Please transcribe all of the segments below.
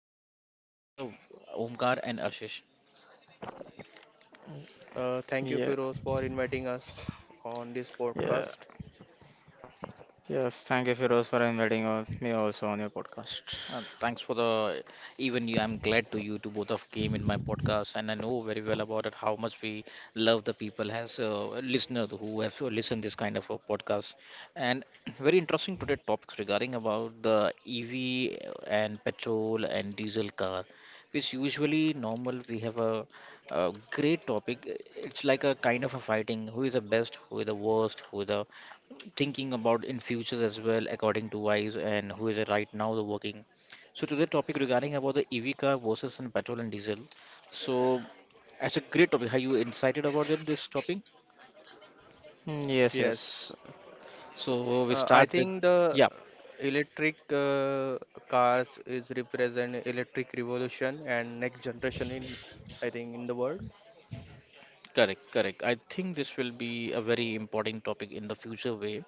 two hosts, Omkar and Ashish. Thank you, Firoz, Yeah, for inviting us on this podcast. yeah, yes. Thank you, Firoz, for inviting me also on your podcast. Thanks for the even you. I'm glad to you to both of came in my podcast, and I know very well about it how much we love the people as listener who have listened this kind of a podcast. And very interesting today topics regarding about the EV and petrol and diesel car, which usually normal we have a great topic. It's like a kind of a fighting: who is the best, who is the worst, who is the thinking about in futures as well according to wise and who is right now the working, so today topic regarding about the ev car versus in petrol and diesel. So that's a great topic, are you excited about them this topic? Mm, Yes, Yes. yes, So we I start with. think the Yeah. electric cars is represent electric revolution and next generation in I think in the world. Correct, correct. I think this will be a very important topic in the future way,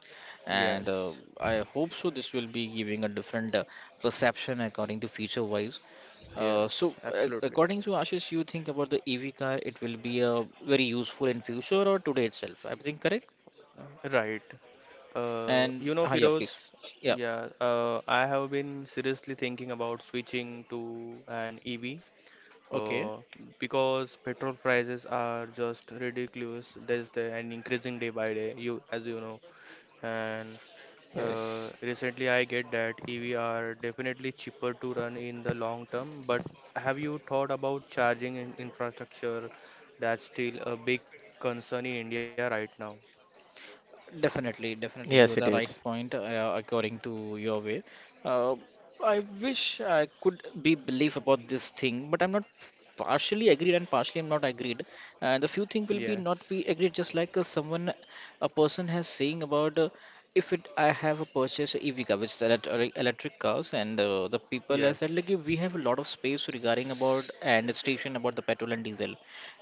and Yes, I hope so. This will be giving a different perception according to feature wise. Uh, yes, so, uh, absolutely. according to Ashish, you think about the EV car, it will be very useful in future or today itself. I think correct. Right. Uh, And you know, ah, yeah, Firoz, please. Yeah. yeah, I have been seriously thinking about switching to an EV Okay. uh, because petrol prices are just ridiculous, there's the and increasing day by day, you as you know. And yes, recently I get that EV are definitely cheaper to run in the long term, but have you thought about charging in infrastructure? That's still a big concern in India right now. yes, it Definitely, is. definitely. You the right point according to your way. Uh, I wish I could be belief about this thing, but I'm not partially agreed and partially I'm not agreed. And the few thing will be Yes, not be agreed, just like someone, a person has saying about if it I have a purchase EV car, which is electric cars, and the people has said yes, like we have a lot of space regarding about and station about the petrol and diesel,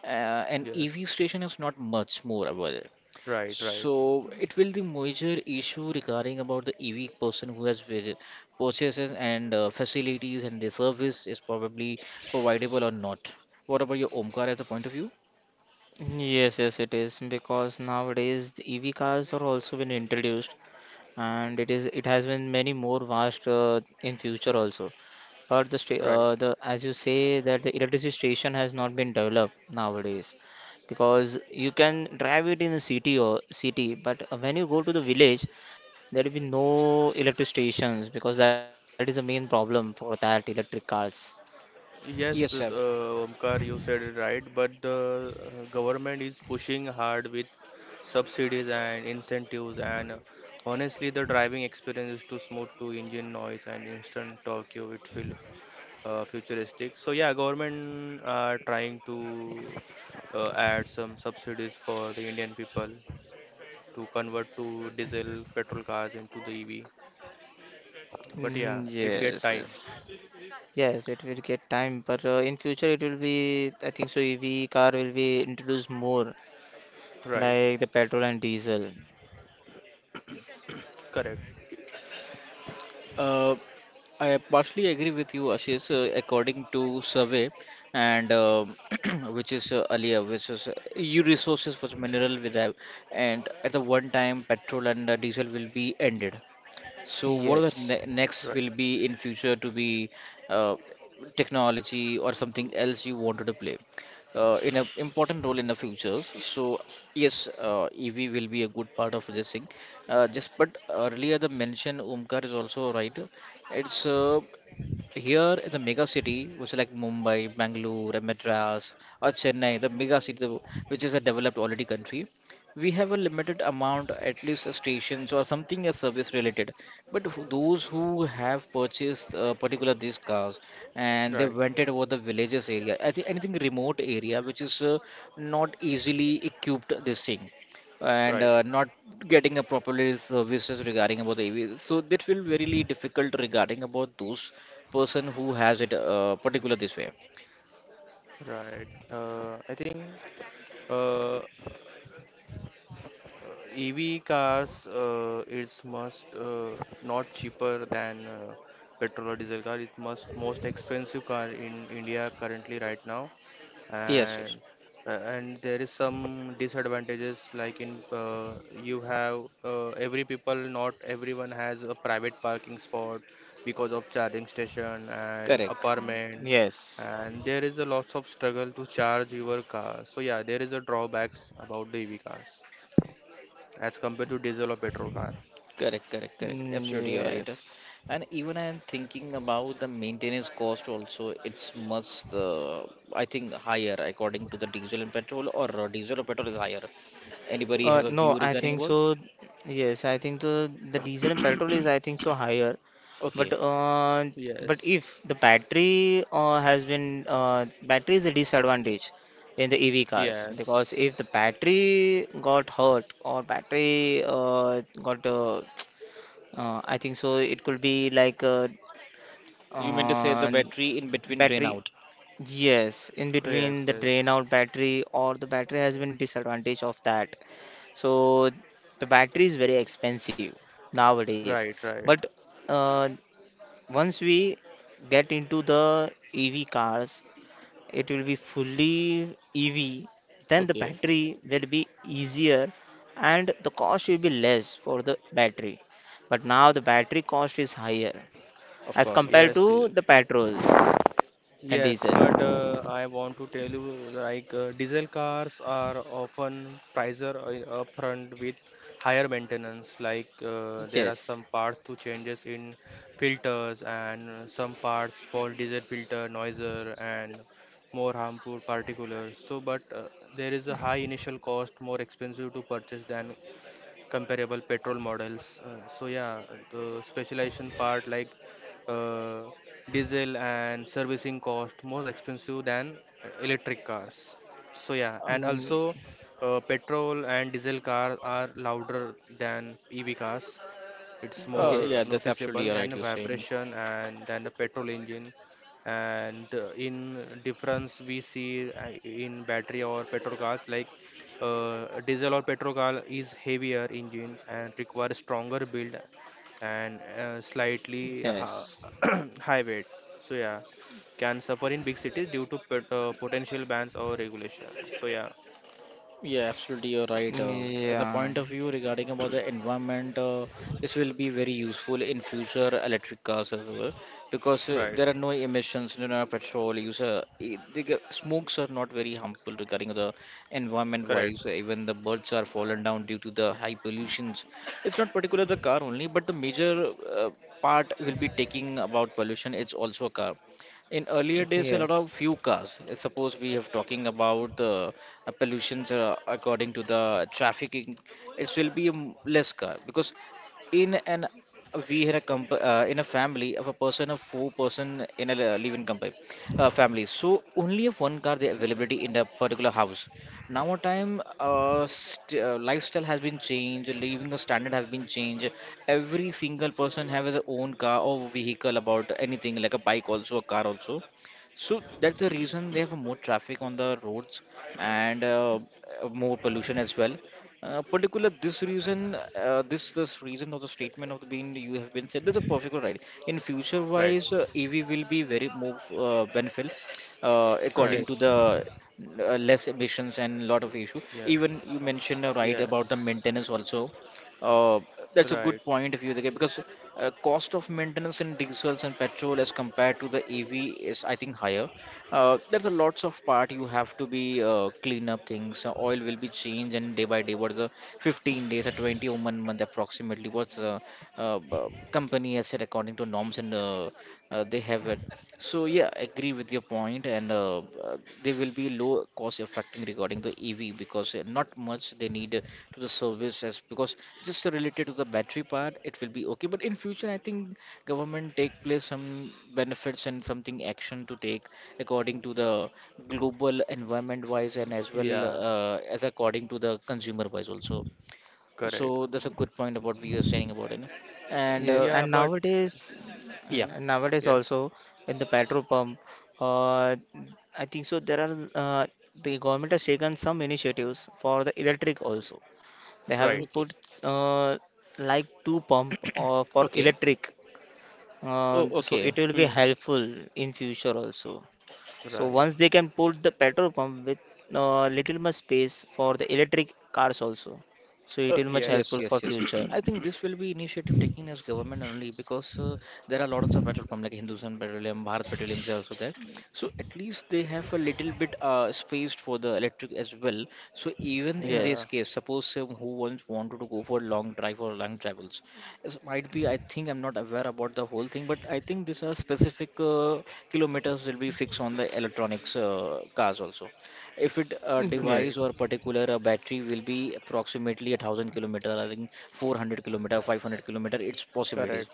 and EV yes. station is not much more about it. Right, right, So it will the major issue regarding about the EV person who has visit, purchases and facilities and the service is probably providable or not. What about your Omkar as a point of view? Yes, it is because nowadays the EV cars are also been introduced, and it has been many more vast in future also. But the sta- right. uh, the as you say that the electricity station has not been developed nowadays because you can drive it in a city or city, but when you go to the village, there will be no electric stations because that is the main problem for that electric cars. Yes, Yes, sir. Omkar, you said it right, but the government is pushing hard with subsidies and incentives, and honestly, the driving experience is too smooth to engine noise and instant torque. You it feel futuristic. So yeah, government are trying to add some subsidies for the Indian people to convert to diesel petrol cars into the EV. But yeah, it get yes, time. yes. Yes, it will get time, but in future it will be, I think so, EV car will be introduced more Right. like the petrol and diesel. Correct. Uh, I partially agree with you, Ashish, according to survey and which is earlier, which is EU resources for mineral with, and at the one time petrol and diesel will be ended. So what are the Yes, Right. next will be in future to be uh, technology or something else you wanted to play in a important role in the futures. So yes, EV will be a good part of this thing. Just but earlier the mention Omkar is also right. It's here in the mega city, which is like Mumbai, Bangalore, and Madras, or Chennai, the mega city, which is a developed already country, we have a limited amount, at least stations or something as service related. But those who have purchased particular these cars and they Right. went it over the villages area, I think anything remote area which is not easily equipped this thing and Right. Not getting a properly services regarding about the AV. So that will very difficult regarding about those person who has it particular this way. Right. I think uh, EV cars, it's must not cheaper than petrol or diesel car. It must most expensive car in India currently right now, Yes, yes. and and there is some disadvantages like in you have every people, not everyone has a private parking spot because of charging station and Correct, apartment, yes, and there is a lots of struggle to charge your car. So yeah, there is a drawbacks about the EV cars as compared to diesel or petrol car. correct, correct, correct. Absolutely, you're right. yes. And even I'm thinking about the maintenance cost also. It's much, I think, higher according to the diesel and petrol, or diesel or petrol is higher. Anybody Uh, have a no, view I regarding think about? so. Yes, I think the diesel and petrol is I think so higher. But Okay, uh, but Yes, if the battery has been battery is a disadvantage in the EV cars because if the yes, battery got hurt or battery got I think so it could be like you mean to say the uh, battery in between drain battery. out? Yes, in yes, between the yes. drain out battery or the battery has been disadvantage of that. So the battery is very expensive nowadays. Right, right. But uh, once we get into the EV cars, it will be fully EV. Then the Okay, battery will be easier and the cost will be less for the battery. But now the battery cost is higher of as course, of compared course. Yes, to the petrol and yes. diesel. But I want to tell you, like diesel cars are often pricier upfront with higher maintenance. Like there are Yes. some parts to changes in filters, and some parts for diesel filter noiser and more harmful particulars. So, but there is a high initial cost, more expensive to purchase than comparable petrol models. So yeah, the specialization part, like uh, diesel and servicing cost more expensive than electric cars. So yeah, Uh, and Mm, also petrol and diesel cars are louder than EV cars. It's Yes, more yeah, that's absolutely noticeable right. and You're saying. vibration and than a petrol engine. And in difference we see in battery or petrol cars, like diesel or petrol car is heavier engines and requires stronger build and yes, high weight. So yeah, can suffer in big cities due to potential bans or regulations. So yeah. Yeah, absolutely, you're right. At the yeah, point of view regarding about the environment, this will be very useful in future electric cars as well because Right. there are no emissions, no, no petrol use. Smokes are not very harmful regarding the environment Correct. wise. Even the birds are fallen down due to the high pollutions. It's not particular the car only, but the major part will be taking about pollution. It's also a car in earlier days a lot of yes, few cars. Suppose we have talking about pollutions according to the trafficking, it will be less car because in an we had a in a family of a person of four person in a live-in company family, so only of one car the availability in the particular house. Now a time lifestyle has been changed, living standard have been changed. Every single person have his own car or vehicle about anything like a bike also, a car also. So that's the reason they have more traffic on the roads, and more pollution as well. Particular this reason, this reason of the statement of the being you have been said, that's a perfect right. In future Right. wise, EV will be very more benefit Right. according to yes, the less emissions and lot of issue. Yeah, Even you mentioned right about the yes. maintenance also. Uh, that's a Right. good point of view Dhakir, because cost of maintenance in diesels and petrol as compared to the EV is, I think, higher. There's a lots of part you have to be clean up things. Oil will be changed and day by day. What is the 15 days or 20 or 1 month approximately? What's the company has said according to norms and they have it. So yeah, I agree with your point, and there will be low cost affecting regarding the EV because not much they need to the services, because just related to the battery part it will be okay. But in future I think government take place some benefits and something action to take according to the global environment wise and as well Yeah. As according to the consumer wise also. So Correct. that's a good point about what we are saying about it, and. Yes. Yeah, And but nowadays, hmm. Yeah. nowadays Yes. also in the petrol pump, uh, I think so. There are the government has taken some initiatives for the electric also. They have Right. Okay. put uh, like two pump for Okay. electric, Oh, so okay. it Hmm. will be helpful in future also. So Right. once they can put the petrol pump with little much space for the electric cars also. So it Uh, will much Yes. yes, helpful yes, for yes. future. I think this will be initiative taken as government only because there are lots of petrol pumps like Hindustan Petroleum, Bharat Petroleum is also there. So at least they have a little bit space for the electric as well. So even in Yeah. this Yes. case, suppose who wants wanted to go for long drive or long travels, it might be. I think I'm not aware about the whole thing, but I think these are specific kilometers will be fixed on the electronics cars also. If it a Right. device Yes. or particular a battery will be approximately 1,000 kilometer, I think 400 kilometer 500-kilometer its Correct. possibilities.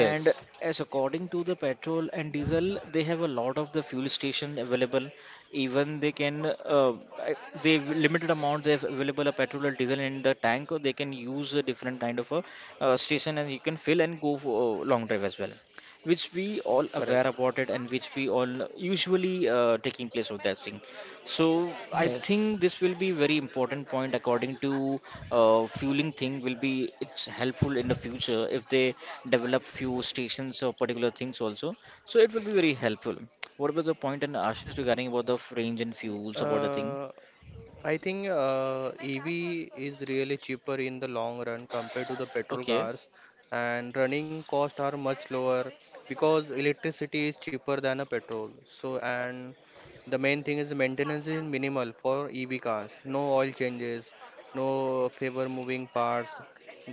And as according to the petrol and diesel, they have a lot of the fuel station available. Even they can I- they've limited amount they have available a petrol or diesel in the tank, or they can use a different kind of a station, and you can fill and go for a long drive as well, which we all Correct. aware about it, and which we all usually taking place of that thing. So I Yes. think this will be very important point according to fueling thing will be it's helpful in the future if they develop few stations or particular things also. So it will be very helpful. What about the point and Ashish regarding about the range and fuels about the thing? 呃，I think EV is really cheaper in the long run compared to the petrol Okay. cars, and running costs are much lower because electricity is cheaper than a petrol. So, and the main thing is maintenance is minimal for EV cars. No oil changes, no favor moving parts.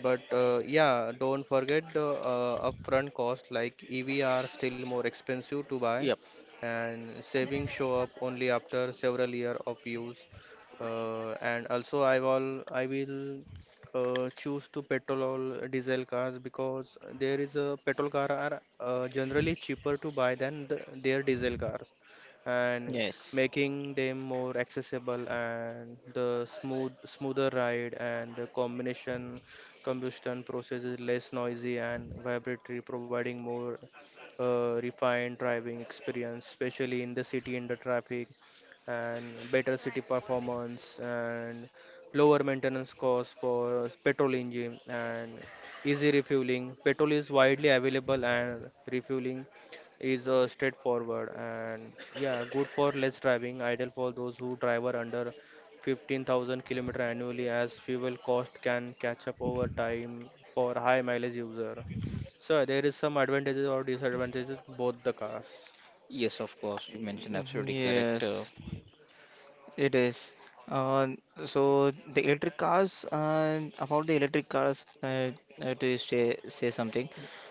But yeah, don't forget the upfront cost, like EV are still more expensive to buy, Yep. and savings show up only after several years of use. And also I will choose to petrol or diesel cars, because there is a petrol car are generally cheaper to buy than their diesel cars, and Yes. making them more accessible, and the smoother ride, and the combination combustion process is less noisy and vibratory, providing more refined driving experience, especially in the city and the traffic, and better city performance, and lower maintenance costs for petrol engine, and easy refueling. Petrol is widely available, and refueling is straightforward, and yeah, good for less driving, ideal for those who drive are under 15,000 kilometer annually, as fuel cost can catch up over time for high mileage user. So there is some advantages or disadvantages both the cars. Yes, of course. You mentioned absolutely correct. Yes, it is. Uh, so the electric cars, and about the electric cars, I have to say something.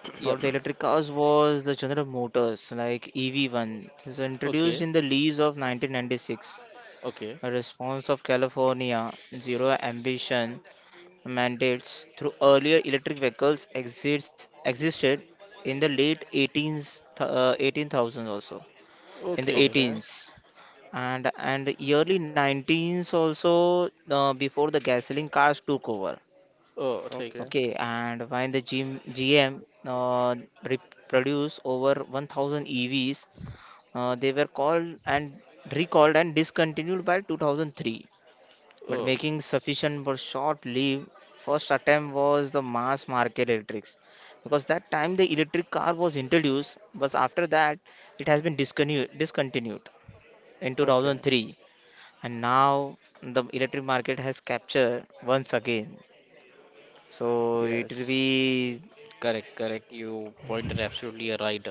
About the Yep. electric cars was the General Motors, like EV1. It was introduced Okay. in the lease of 1996, Okay. response of California zero ambition mandates. Through earlier electric vehicles exists existed in the late 18s, 18,000 also, in the Okay. Okay, 18s and early 19s also, before the gasoline cars took over. Oh, take. okay, Okay, and when the GM re- produced over 1,000 EVs, they were called and recalled and discontinued by 2003, but Oh. making sufficient for short leave, first attempt was the mass market electrics because that time the electric car was introduced, but after that it has been discontinued in okay. 2003. And now the electric market has captured once again, so it will Yes. be. Correct, correct. You pointed absolutely right.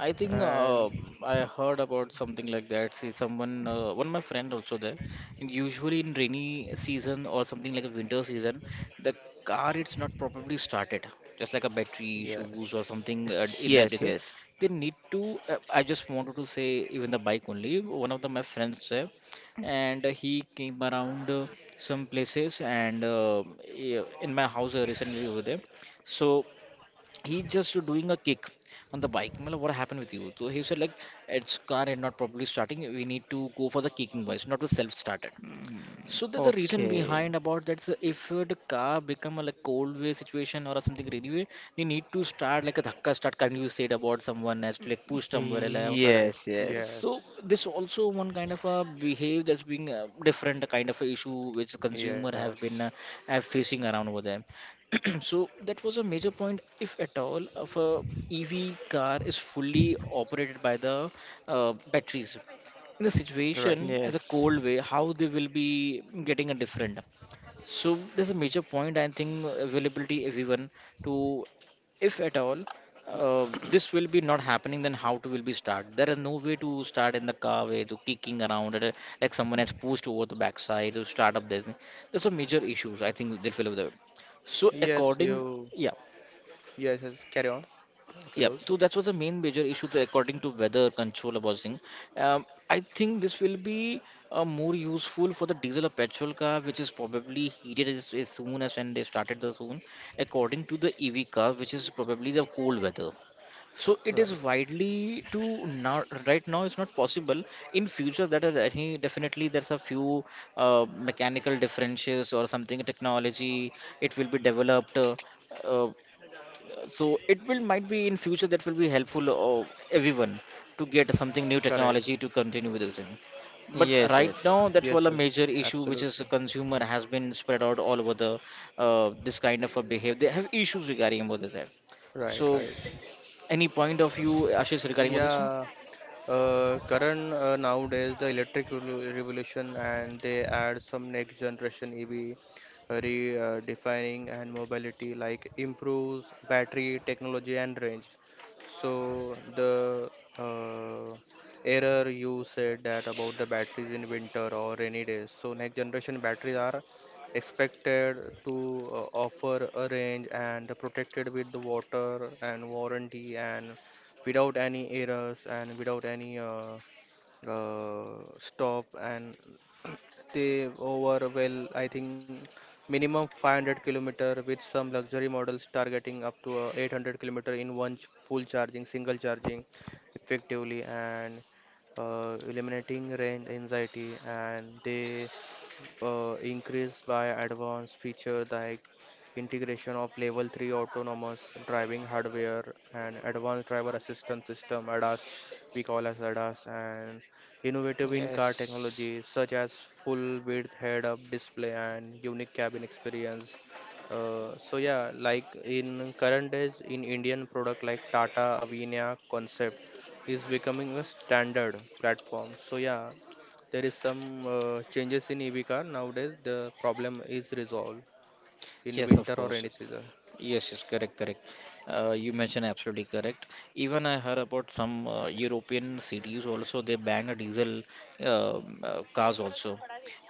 I think And I heard about something like that. See, someone, one of my friend also there. And usually in rainy season or something like a winter season, the car it's not properly started. Just like a battery issues or yes. something yes in that yes nature. They need to. I just wanted to say even the bike only. One of the my friends there, and he came around some places and yeah, in my house recently over there. So he just doing a kick on the bike. Matlab, what happened with you? So he said like it's car and not properly starting. We need to go for the kicking voice, not to self started. So there's a reason Okay behind about that. So if the car become a like cold way situation or something rainy way, they need to start like a dhakka start. Can you said about someone has to like push somewhere like, Correct. yes yes so Yes. this also one kind of a behaved that's being a different kind of a issue which consumer have Yes. been have facing around over there. So that was a major point, if at all, of a EV car is fully operated by the batteries. In a Right. situation as a yes cold way, how they will be getting a different. So there's a major point. I think availability everyone to if at all this will be not happening, then how to will be start, there are no way to start in the car way to kicking around at a, like someone has pushed over the backside to start up this, there's some major issues I think they'll fill up there so Yes, according, you. yeah. Yes, yes. Carry on, Yep. Firoz. So that was the main major issue that according to weather control housing. I think this will be more useful for the diesel or petrol car, which is probably heated as soon as when they started the zone, according to the EV car, which is probably the cold weather. So it Right. is widely to now right now it's not possible. In future, that is I think definitely there's a few mechanical differences or something technology. It will be developed. Uh, so it will might be in future that will be helpful of everyone to get something new Correct. technology to continue with the thing. But yes right yes now, Yes, that's all a yes. major issue which Absolutely. is a consumer has been spread out all over the this kind of a behavior. They have issues regarding about that. Right, So right. any point of view, Ashish, regarding about this one? Yeah, Karan, nowadays the electric revolution, and they add some next generation EV, redefining and mobility like improves battery technology and range. So the uh, error you said that about the batteries in winter or rainy days. So next generation batteries are expected to offer a range and protected with the water and warranty, and without any errors, and without any stop. And they over well, I think minimum 500 kilometer, with some luxury models targeting up to 800 kilometer in full charging, single charging effectively. And eliminating range anxiety, and they increased by advanced feature like integration of level 3 autonomous driving hardware and advanced driver assistance system ADAS, we call as ADAS, and innovative in car yes technology such as full width head up display and unique cabin experience. So yeah, like in current days in Indian product like Tata Avinya concept is becoming a standard platform. So yeah, there is some changes in EV car nowadays, the problem is resolved in Yes, of winter or course. any season. Yes, yes, correct, correct. You mentioned absolutely correct. Even I heard about some European cities also they ban a diesel cars also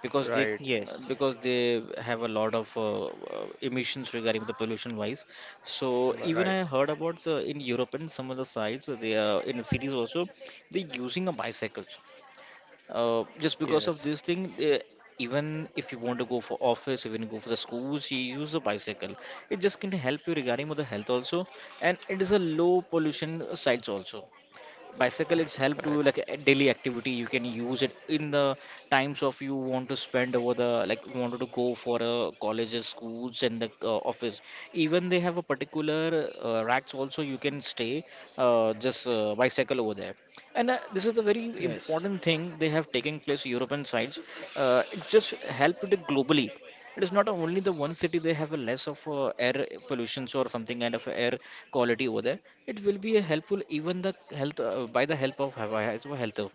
because they, Right. yes because they have a lot of emissions regarding the pollution wise. So Right. even Right. I heard about the in Europe and some of the sites they in the cities also they're using a bicycle, just because Yes, of this thing, even if you want to go for office, even go for the schools, you use a bicycle. It just can help you regarding with the health also, and it is a low pollution sites also. Bicycle it's help to correct, like a daily activity, you can use it in the times of you want to spend over the, like wanted to go for colleges, schools and the office. Even they have a particular racks also, you can stay just bicycle over there. And this is the very yes important thing they have taken place european sides. It just helped globally. It is not only the one city, they have a less of air pollutions or something kind of air quality over there. It will be a helpful even the health by the help of Hawaii as well health. Of-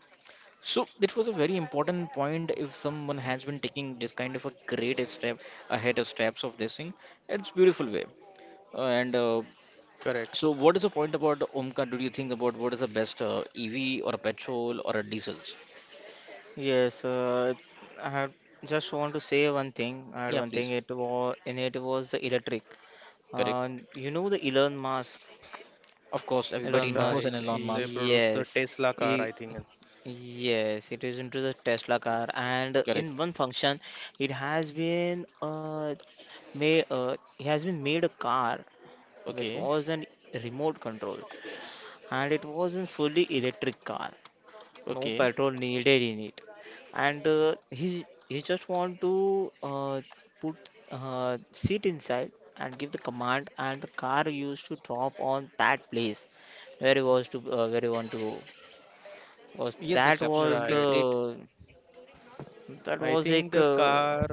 So it was a very important point. If someone has been taking this kind of a great step ahead of steps of this thing, it's beautiful way. And correct. So, what is the point about Omka? Do you think about what is the best EV or a petrol or a diesels? Yes, I had just want to say one thing. I had Yeah, one thing. please. It was the electric. Correct. Uh, you know the Elon Musk. Of course, Elon everybody Musk. knows Right, an Elon they Musk. produce the Yes. Tesla car, He- I think. yes. It is into the Tesla car, and Correct. in one function, it has been made. He has been made a car which Okay. was an remote control, and it was a fully electric car, no Okay. petrol needed in it. And he just want to put seat inside and give the command, and the car used to drop on that place where he want to go. was Yeah, that's that was absolutely Right. great. uh, that I was think like the uh, car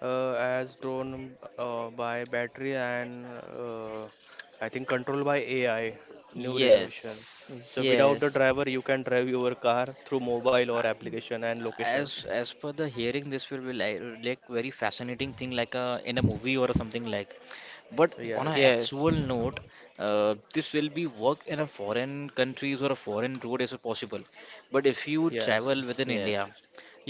has drawn by battery, and I think controlled by AI, new renovation. Yes So without the yes driver, you can drive your car through mobile or I- application and location. As per the hearing, this will be like very fascinating thing, like a in a movie or something like. But on an Yes. yes actual note, this will be work in a foreign countries or a foreign road is possible. But if you travel Yes, within yes India,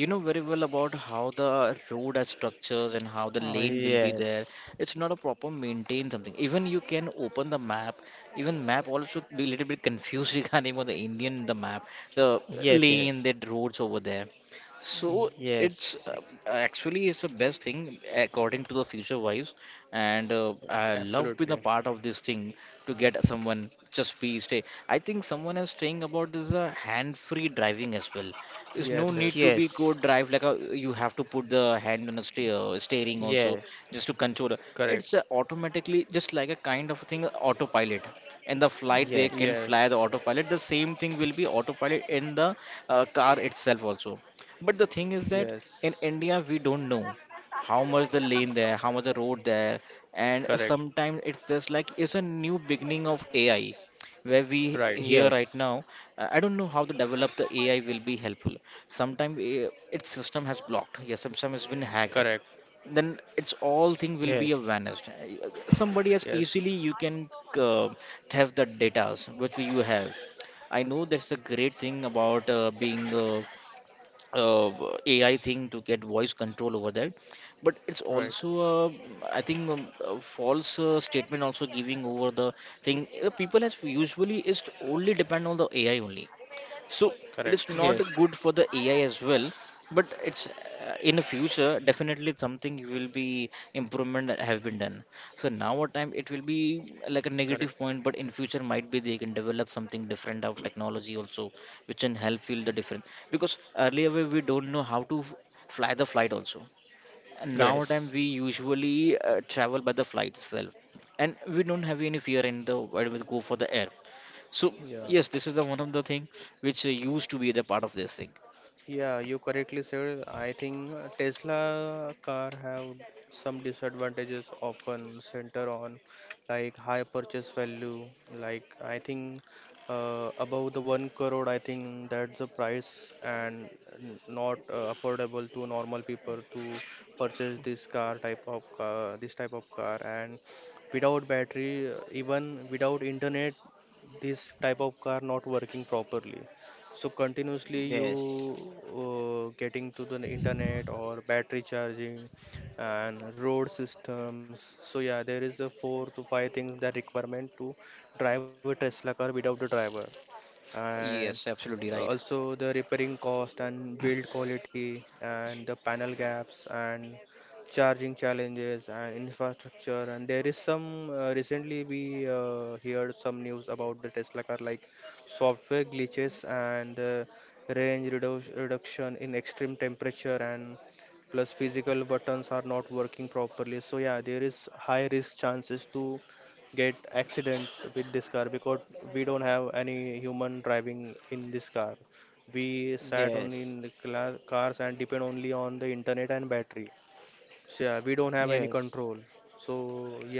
you know very well about how the road has structures and how the oh, lane will be there. yes It's not a proper maintain something. Even you can open the map. Even map also be a little bit confused regarding about the Indian the map, the yes lane, yes the roads over there. So yes it's actually it's the best thing according to the future wives, and I love being a absolutely. part of this thing to get someone just be stay. I think someone is saying about this hand-free driving as well. There's no Yes, yes yes, need to be go yes drive like a, you have to put the hand on the steer, steering also yes just to control. correct. It's automatically just like a kind of thing autopilot. In the flight they can yes. Yes, fly the autopilot. The same thing will be autopilot in the car itself also, but the thing is that in yes, India, we don't know how much the lane there, how much the road there, and correct. sometimes it's just like it's a new beginning of AI where we Right, here Yes, right now. I don't know how to develop the AI will be helpful. Sometimes its system has blocked, yes, system has been hacked. correct. Then it's all thing will yes, be vanished. Somebody has Yes, easily you can uh, theft the datas which you have. I know that's the great thing about being AI thing to get voice control over that. But it's right, also, I think, a false statement also giving over the thing. People as usually is only depend on the AI only. So correct, it correct, is yes, not good for the AI as well, but it's in the future definitely something will be improvement that have been done. So now what time it will be like a correct. negative point, but in future might be they can develop something different of technology also, which can help feel the different. Because earlier we don't know how to f- fly the flight also, and Correct. now time yes, we usually travel by the flight itself, and we don't have any fear in the when we go for the air. So Yeah. yes, this is the one of the thing which used to be the part of this thing. Yeah, you correctly said. I think Tesla car have some disadvantages, often center on like high purchase value. Like I think above the 1 crore, I think that's the price, and not affordable to normal people to purchase this car, type of car, this type of car. And without battery, even without internet, this type of car not working properly. So continuously you yes, getting to the internet or battery charging and road systems. So yeah, there is a four to five things that requirement to drive a Tesla car without a driver. And Yes, absolutely right. also the repairing cost and build quality and the panel gaps and charging challenges and infrastructure, and there is some recently we heard some news about the Tesla car, like software glitches and range reduction in extreme temperature, and plus physical buttons are not working properly. So yeah, there is high risk chances to get accident with this car, because we don't have any human driving in this car. We sat only in yes, the cars and depend only on the internet and battery. So yeah, we don't have any yes, control. So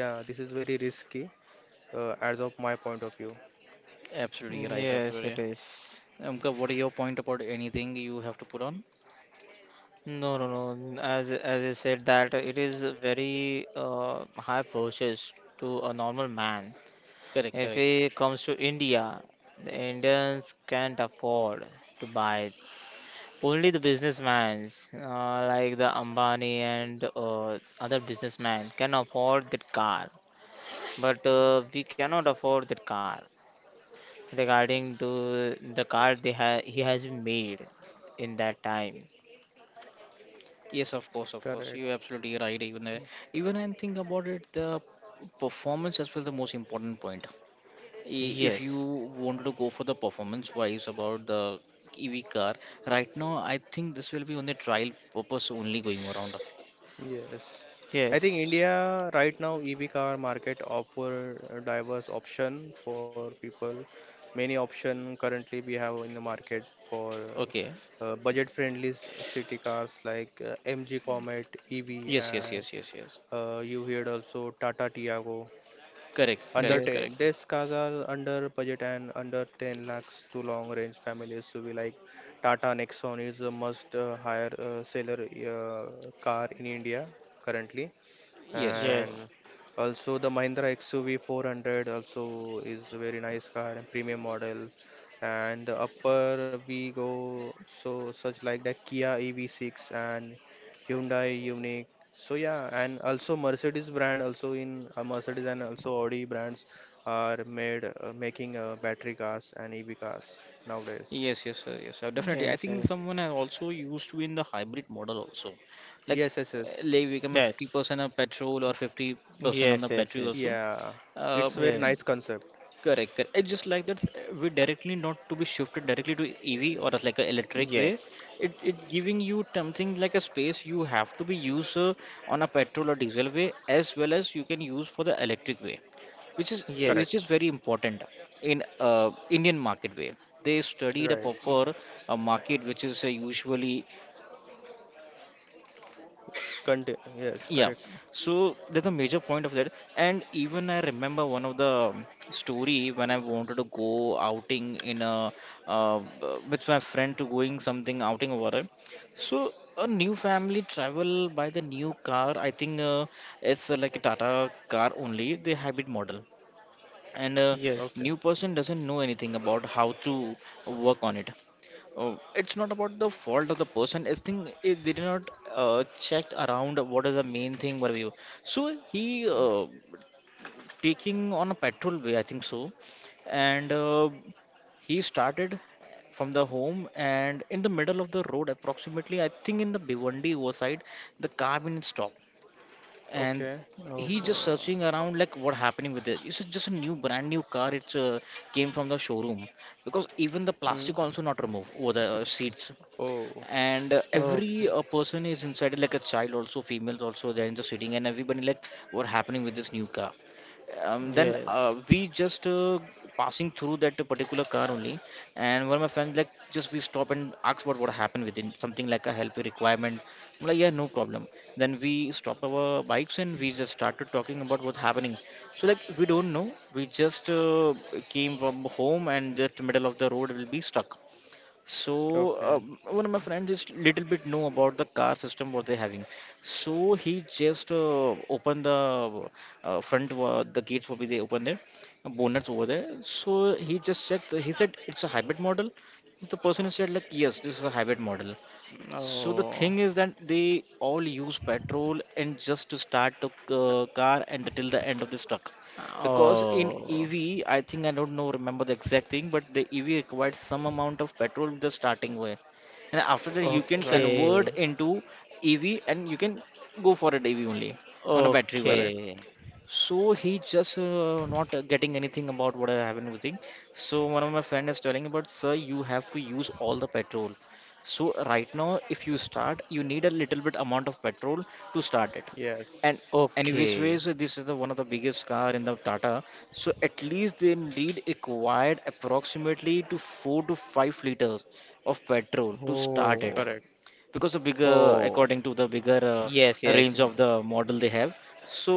yeah, this is very risky, as of my point of view. Absolutely right. yes, Absolutely. it is. Umka, what are your point about anything you have to put on? No, no, no. n- as I said that it is a very high process to a normal man. Correct, If correct. he comes to India, the Indians can't afford to buy it. Only the businessmen, like the Ambani and other businessmen, can afford that car. But we cannot afford that car, regarding to the card he has made in that time. Yes, of course, of course. You're Correct. absolutely right. Even and think about it, the performance as well the most important point. I- If you Yes, wanted to go for the performance wise about the EV car, right now I think this will be on the trial purpose only going around. Yes. I think yes, S- India right now EV car market offer a diverse option for people. Many option currently we have in the market for Okay. Budget friendly city cars like MG Comet EV, Yes, yes, and yes, yes, yes. You heard also Tata Tiago. Correct, Under correct, correct. 10, yes, these cars are under budget, and under 10 lakhs to long range families. So we like Tata Nexon is a must hire seller car in India currently, Yes, of course. and yes, also the Mahindra XUV 400 also is a very nice car and premium model, and the upper we go, so such like the Kia EV6 and Hyundai Unique. So yeah, and also Mercedes brand also in Mercedes and also Audi brands are made making battery cars and EV cars nowadays. Yes, yes, sir. Yes, sir. Definitely. I think yes, someone has also used to in the hybrid model also. Like, Yes, yes, yes. like yes, become a yes, 50% of petrol or 50% on the yes, yes, battery also. yes, Yeah, Uh, it's very it- nice concept. correct, correct. It's just like that. We directly not to be shifted directly to EV or as like a electric way. yes, It giving you something like a space you have to be used on a petrol or diesel way as well as you can use for the electric way which is which yes, Correct. is very important in Indian market way. They studied a Right. proper market, which is usually Yes, yeah. correct. So that's a major point of that. And even I remember one of the story when I wanted to go outing in a with my friend to going something outing over there. So a new family travel by the new car. I think it's like a Tata car only, the hybrid model. And yes, a yes. Okay. new person doesn't know anything about how to work on it. It's not about the fault of the person. I think it, they did not check around what is the main thing for you. So he taking on a petrol way I think so. And he started from the home, and in the middle of the road approximately I think in the Bhiwandi side the car been stopped. And Okay. Oh, he just searching around like what happening with it. It's just a new brand new car, it's came from the showroom, because even the Hmm. plastic also not removed over the seats. Oh, And oh, every person is inside it, like a child also, females also, they're just sitting and everybody like what happening with this new car. Then yes. we just passing through that particular car only, and one of my friends like just we stop and ask about what happened within something, like a help requirement. I'm like yeah, no problem. Then we stop our bikes and we just started talking about what's happening. So like we don't know, we just came from home and just middle of the road will be stuck. so uh, okay. one of my friends is little bit know about the car system what they're having. So he just opened the the gates will be they open there, bonnets over there. So he just checked. He said it's a hybrid model. The person said like yes, this is a hybrid model. So the Oh, thing is that they all use petrol and just to start the car and till the end of this truck. Because in oh. EV, I think I don't know remember the exact thing, but the EV requires some amount of petrol with the starting way, and after that you can Right. convert Okay, into EV and you can go for an EV only on a battery wise. Correct. okay, So he just not getting anything about what I have been using. So one of my friend is telling about, sir, you have to use all the petrol. So right now, if you start, you need a little bit amount of petrol to start it. And Yes. any which okay. ways, this is the one of the biggest car in the Tata. So at least they need required approximately to 4 to 5 liters of petrol to start Oh, it Correct. because of bigger oh. according to the bigger Yes, yes, range of the model they have, so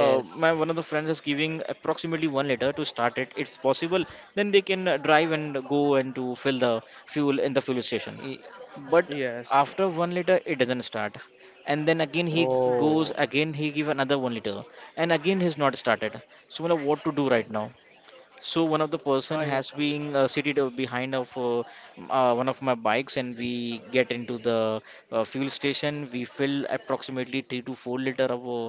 my one of the friends is giving approximately 1 liter to start it if possible, then they can drive and go and to fill the fuel in the fuel station. Y- But Yes. after 1 liter it doesn't start, and then again he goes, Oh, again he give another 1 liter, and again he's not started, so I what to do right now. So one of the person I, has been seated behind of one of my bikes, and we get into the fuel station. We fill approximately 3 to 4 liter of uh,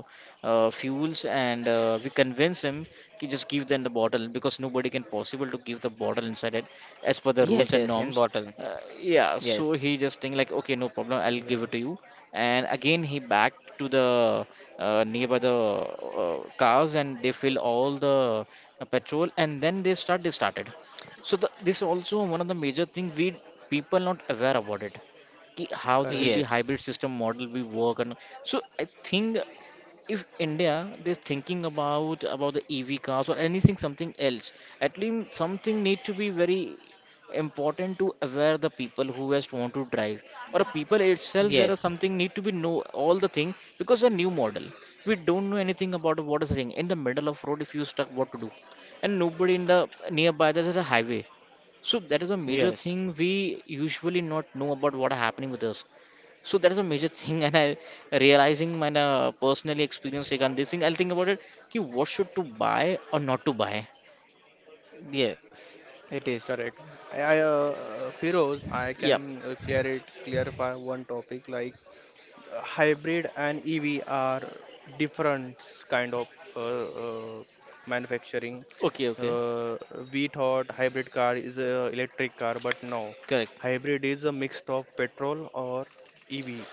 uh, fuels, and we convince him to just give them the bottle because nobody can possible to give the bottle inside it as per the yes, yes, rules and in norms. bottle. Yeah, Yes, so he just think like, okay, no problem, I'll give yeah. it to you. And again, he back to the nearby the cars, and they fill all the petrol, and then they started. So this is also one of the major thing we people not aware about it, कि how Correct. they will be yes, hybrid system model will work. And so I think if India they're thinking about the EV cars or anything something else, at least something need to be very important to aware the people who just want to drive, or people itself there are yes, something need to be know all the thing, because a new model, we don't know anything about what is the thing in the middle of road, if you stuck what to do, and nobody in the nearby there is a highway. So that is a major yes, thing we usually not know about what are happening with us. So that is a major thing, and I realizing my personally experience regarding this thing. I'll think about it. Ki what should to buy or not to buy? yes, it is. Correct. I Firoz, I can Yep. Clarify one topic, like hybrid and EV are different kind of uh, uh, manufacturing. Okay, okay. Uh, we thought hybrid car is a electric car, but no. Correct. Hybrid is a mix of petrol or EV.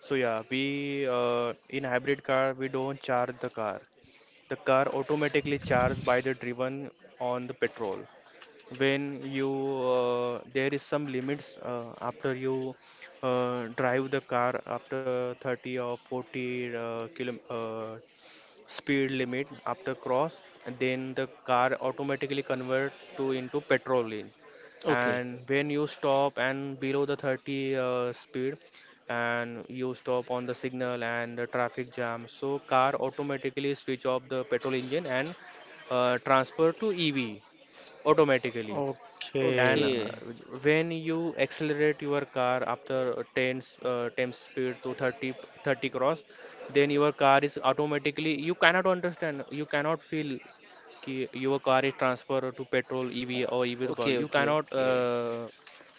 So yeah, we in hybrid car we don't charge the car. The car automatically charged by the driven on the petrol. When you There is some limits after you drive the car after 30 or 40 kilo, speed limit after cross, then the car automatically convert to into petrol lane. Okay. And when you stop and below the 30 speed, and you stop on the signal and the traffic jam, so car automatically switch off the petrol engine and transfer to ev automatically. Okay. And Okay. when you accelerate your car after 10 speed to 30 cross, then your car is automatically, you cannot understand, you cannot feel ki your car is transfer to petrol ev or ev power. Okay, You okay, cannot okay.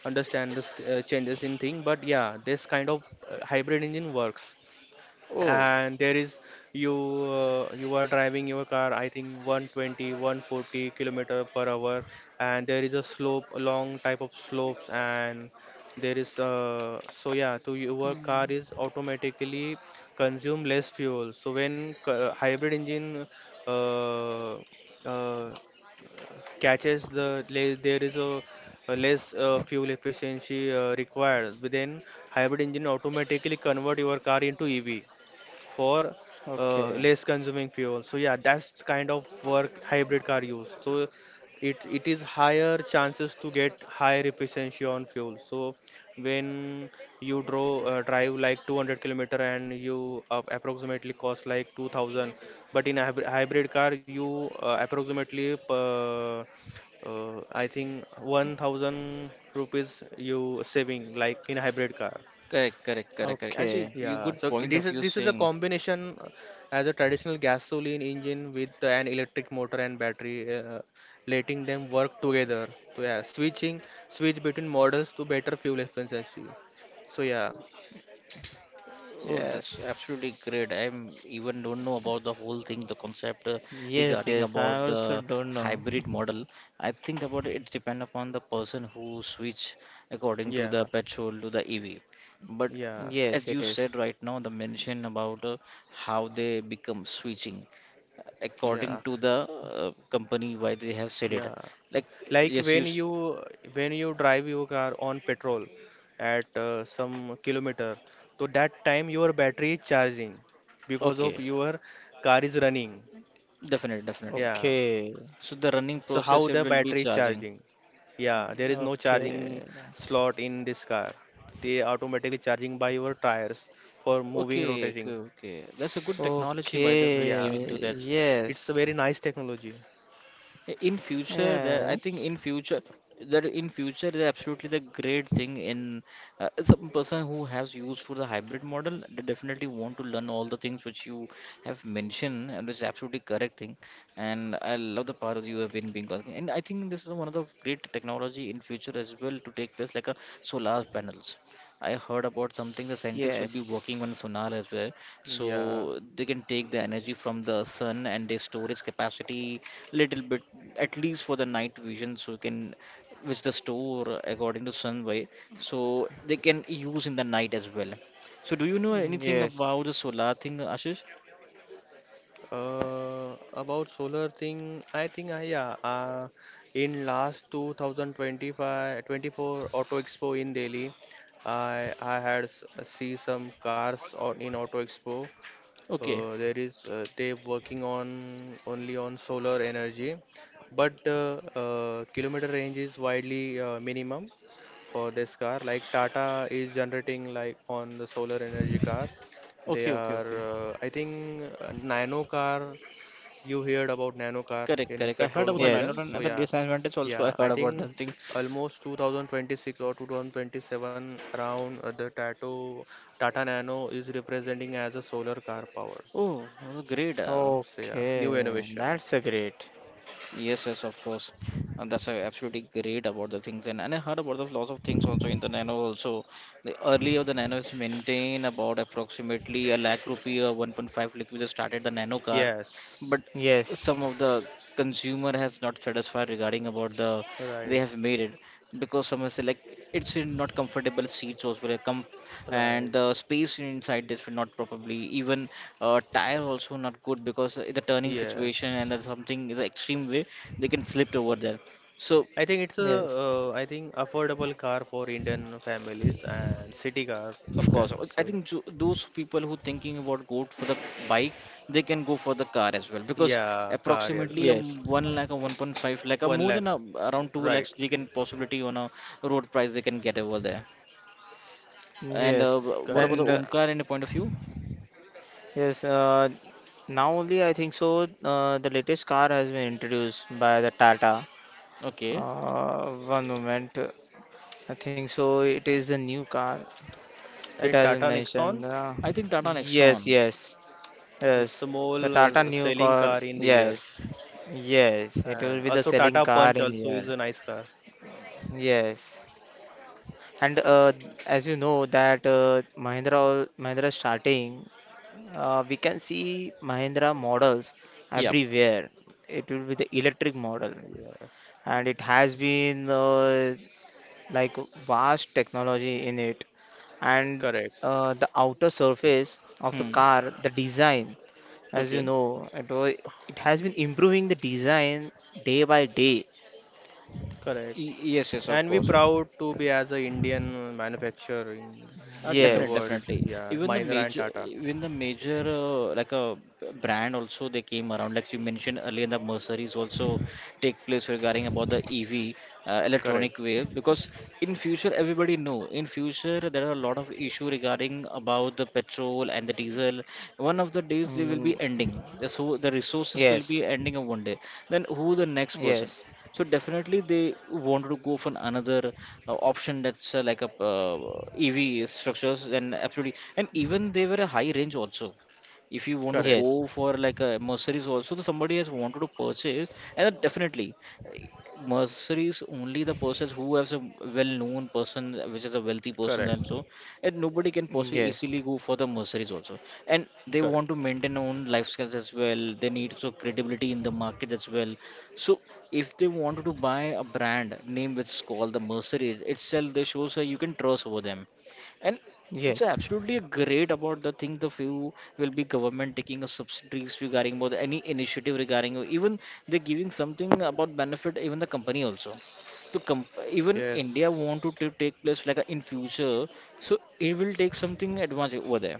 understand the changes in thing, but yeah, this kind of hybrid engine works. Oh, And there is you are driving your car, I think 120 140 kilometer per hour, and there is a slope, a long type of slopes, and there is the, so yeah, so your car Mm. is automatically consume less fuel. So when hybrid engine uh, uh, catches the there is a less fuel efficiency required, but then hybrid engine automatically convert your car into ev for okay, less consuming fuel. So yeah, that's kind of work hybrid car use. So it is higher chances to get higher efficiency on fuel. So when you draw drive like 200 kilometer and you approximately cost like 2000, but in a hybrid car, you approximately I think 1000 rupees you saving, like, in hybrid car. correct, correct, correct, correct. okay. Actually, you Yeah, good so point this of is you this is a saying. combination as a traditional gasoline engine with an electric motor and battery, letting them work together. So yeah, switch between models to better fuel efficiency. So yeah, Oh, that's Yes, absolutely great. I'm even don't know about the whole thing, the concept, yes, regarding yes, I about the also don't know. hybrid model. I think about it, it depend upon the person who switch according to yeah, the petrol to the EV. But yeah, Yes, as it you is. said right now, the mention about how they become switching yeah, according to the company why they have said it. yeah. Like Like yes, you when s- you when you drive your car on petrol at some kilometer, so that time your battery is charging because of okay, your car is running. definitely, definitely. Yeah. Okay, So the running So how process it the will be battery charging. charging? Yeah, there is no charging okay, slot in this car. They automatically charging by your tires for moving, Okay, okay, rotating. okay. That's a good technology, by the way, Yeah, giving to okay. that. it's a Yes, very nice technology. In future, there, yeah, I think in future, that in future, they're absolutely the great thing. In some person who has used for the hybrid model, they definitely want to learn all the things which you have mentioned, and it's absolutely correct thing. And I love the part of you have been being talking. And I think this is one of the great technology in future as well to take place, like a solar panels. I heard about something the scientists will be working yes, on sonar as well, Yeah. so they can take the energy from the sun and they store its capacity little bit, at least for the night vision, so you can which the store according to sun way, so they can use in the night as well. So do you know anything yes, about the solar thing, Ashish? About solar thing, I think I yeah. In last 2025, 24 Auto Expo in Delhi, I had see some cars on in Auto Expo. Okay, There is they working on only on solar energy, but kilometer range is widely minimum for this car. Like Tata is generating, like, on the solar energy car. They okay, okay, are okay. I think nano car. You heard about nano car Correct, in correct, I petrol heard about the version. yes. So 901 and the yeah, disadvantage also yeah. I I heard about think that thing. almost 2026 or 2027 around, the Tato Tata Nano is representing as a solar car power. Oh well, great, So yeah, new innovation. Okay, that's a great. yes, yes, of course. And that's absolutely great about the things. And I heard about the lots of things also in the Nano also. The earlier the Nano is maintained about approximately a lakh rupee or 1.5 lakh. We just started the Nano car, Yes, but Yes, some of the consumer has not satisfied regarding about the they right, have made it, because some has like it's in not comfortable seats also like com and right. the space inside this will not probably even tire also not good because the turning situation and Yes, that's something is extreme way they can slip over there. So I think it's a yes, I think affordable car for Indian families and city car of you course can I say. think those people who thinking about go for the bike, they can go for the car as well because Yeah, car as well. approximately yes, 1 lakh or 1.5 lakh or One more lakh, than a, around right? 2 lakhs they can possibility on a road price they can get over there. And yes, what about the and Correct. uh, Omkar in a point of view? yes. Now only I think so. The latest car has been introduced by the Tata. Okay, One moment. I think so. It is a new car. It And has been Tata mentioned. Nexon, I think Tata yes, Nexon. yes, yes. it's a more The Tata new selling car. car in the year. Yes, yes. It will And be the also selling Tata car Punch in also is here. a nice car. Yes. And as you know that Mahindra starting, we can see Mahindra models Yeah. everywhere. It will be the electric model, Yeah, and it has been like vast technology in it. And correct, uh, the outer surface of the Hmm. car, the design, as you Okay. know, it was. It has been improving the design day by day. correct. Y- Yes, yes, of And we course. Yeah. proud to be as a Indian manufacturer Uh, in the definite, Yes, world. definitely. Yeah, Mahindra and Tata. Even the major like a brand also they came around. Like you mentioned earlier, the merceries also take place regarding about the EV, electronic Correct, way, because in future everybody know in future there are a lot of issue regarding about the petrol and the diesel. One of the days they will Mm, be ending. So the resources will be yes, ending on one day. Then who the next yes, person? So definitely they want to go for another option, that's like a EV structures, and absolutely and even they were a high range also, if you want to correct, yes. go for like a Mercedes also, the somebody has wanted to purchase, and then definitely uh, Mercedes only the person who has a well-known person which is a wealthy person. correct, And so and nobody can possibly Yes, easily go for the Mercedes also, and they correct. want to maintain own lifestyles as well, they need so credibility in the market as well. So if they wanted to buy a brand name which is called the Mercedes itself, they shows that you can trust over them, and it's yes, absolutely great about the thing. The few will be government taking a subsidies regarding about any initiative regarding, or even they're giving something about benefit even the company also. To comp even India want to Yes, ta- take place like a, in future, so it will take something advantage over there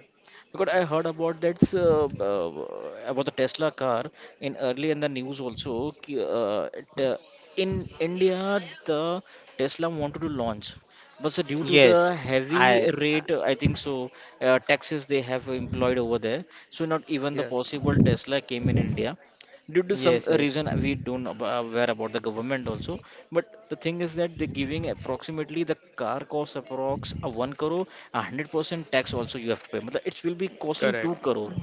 because I heard about that about the Tesla car in early in the news also. Ki- uh, it, in India, the Tesla wanted to launch, but so due to the yes. heavy I- rate, I think so, taxes they have employed over there, so not even the yes, possible Tesla came in India due to some yes, yes, reason we don't ab- aware about the government also. But the thing is that they're giving approximately the car cost approx a 1 crore, a 100% tax also you have to pay, Matlab, it will be costing 2 correct. crore.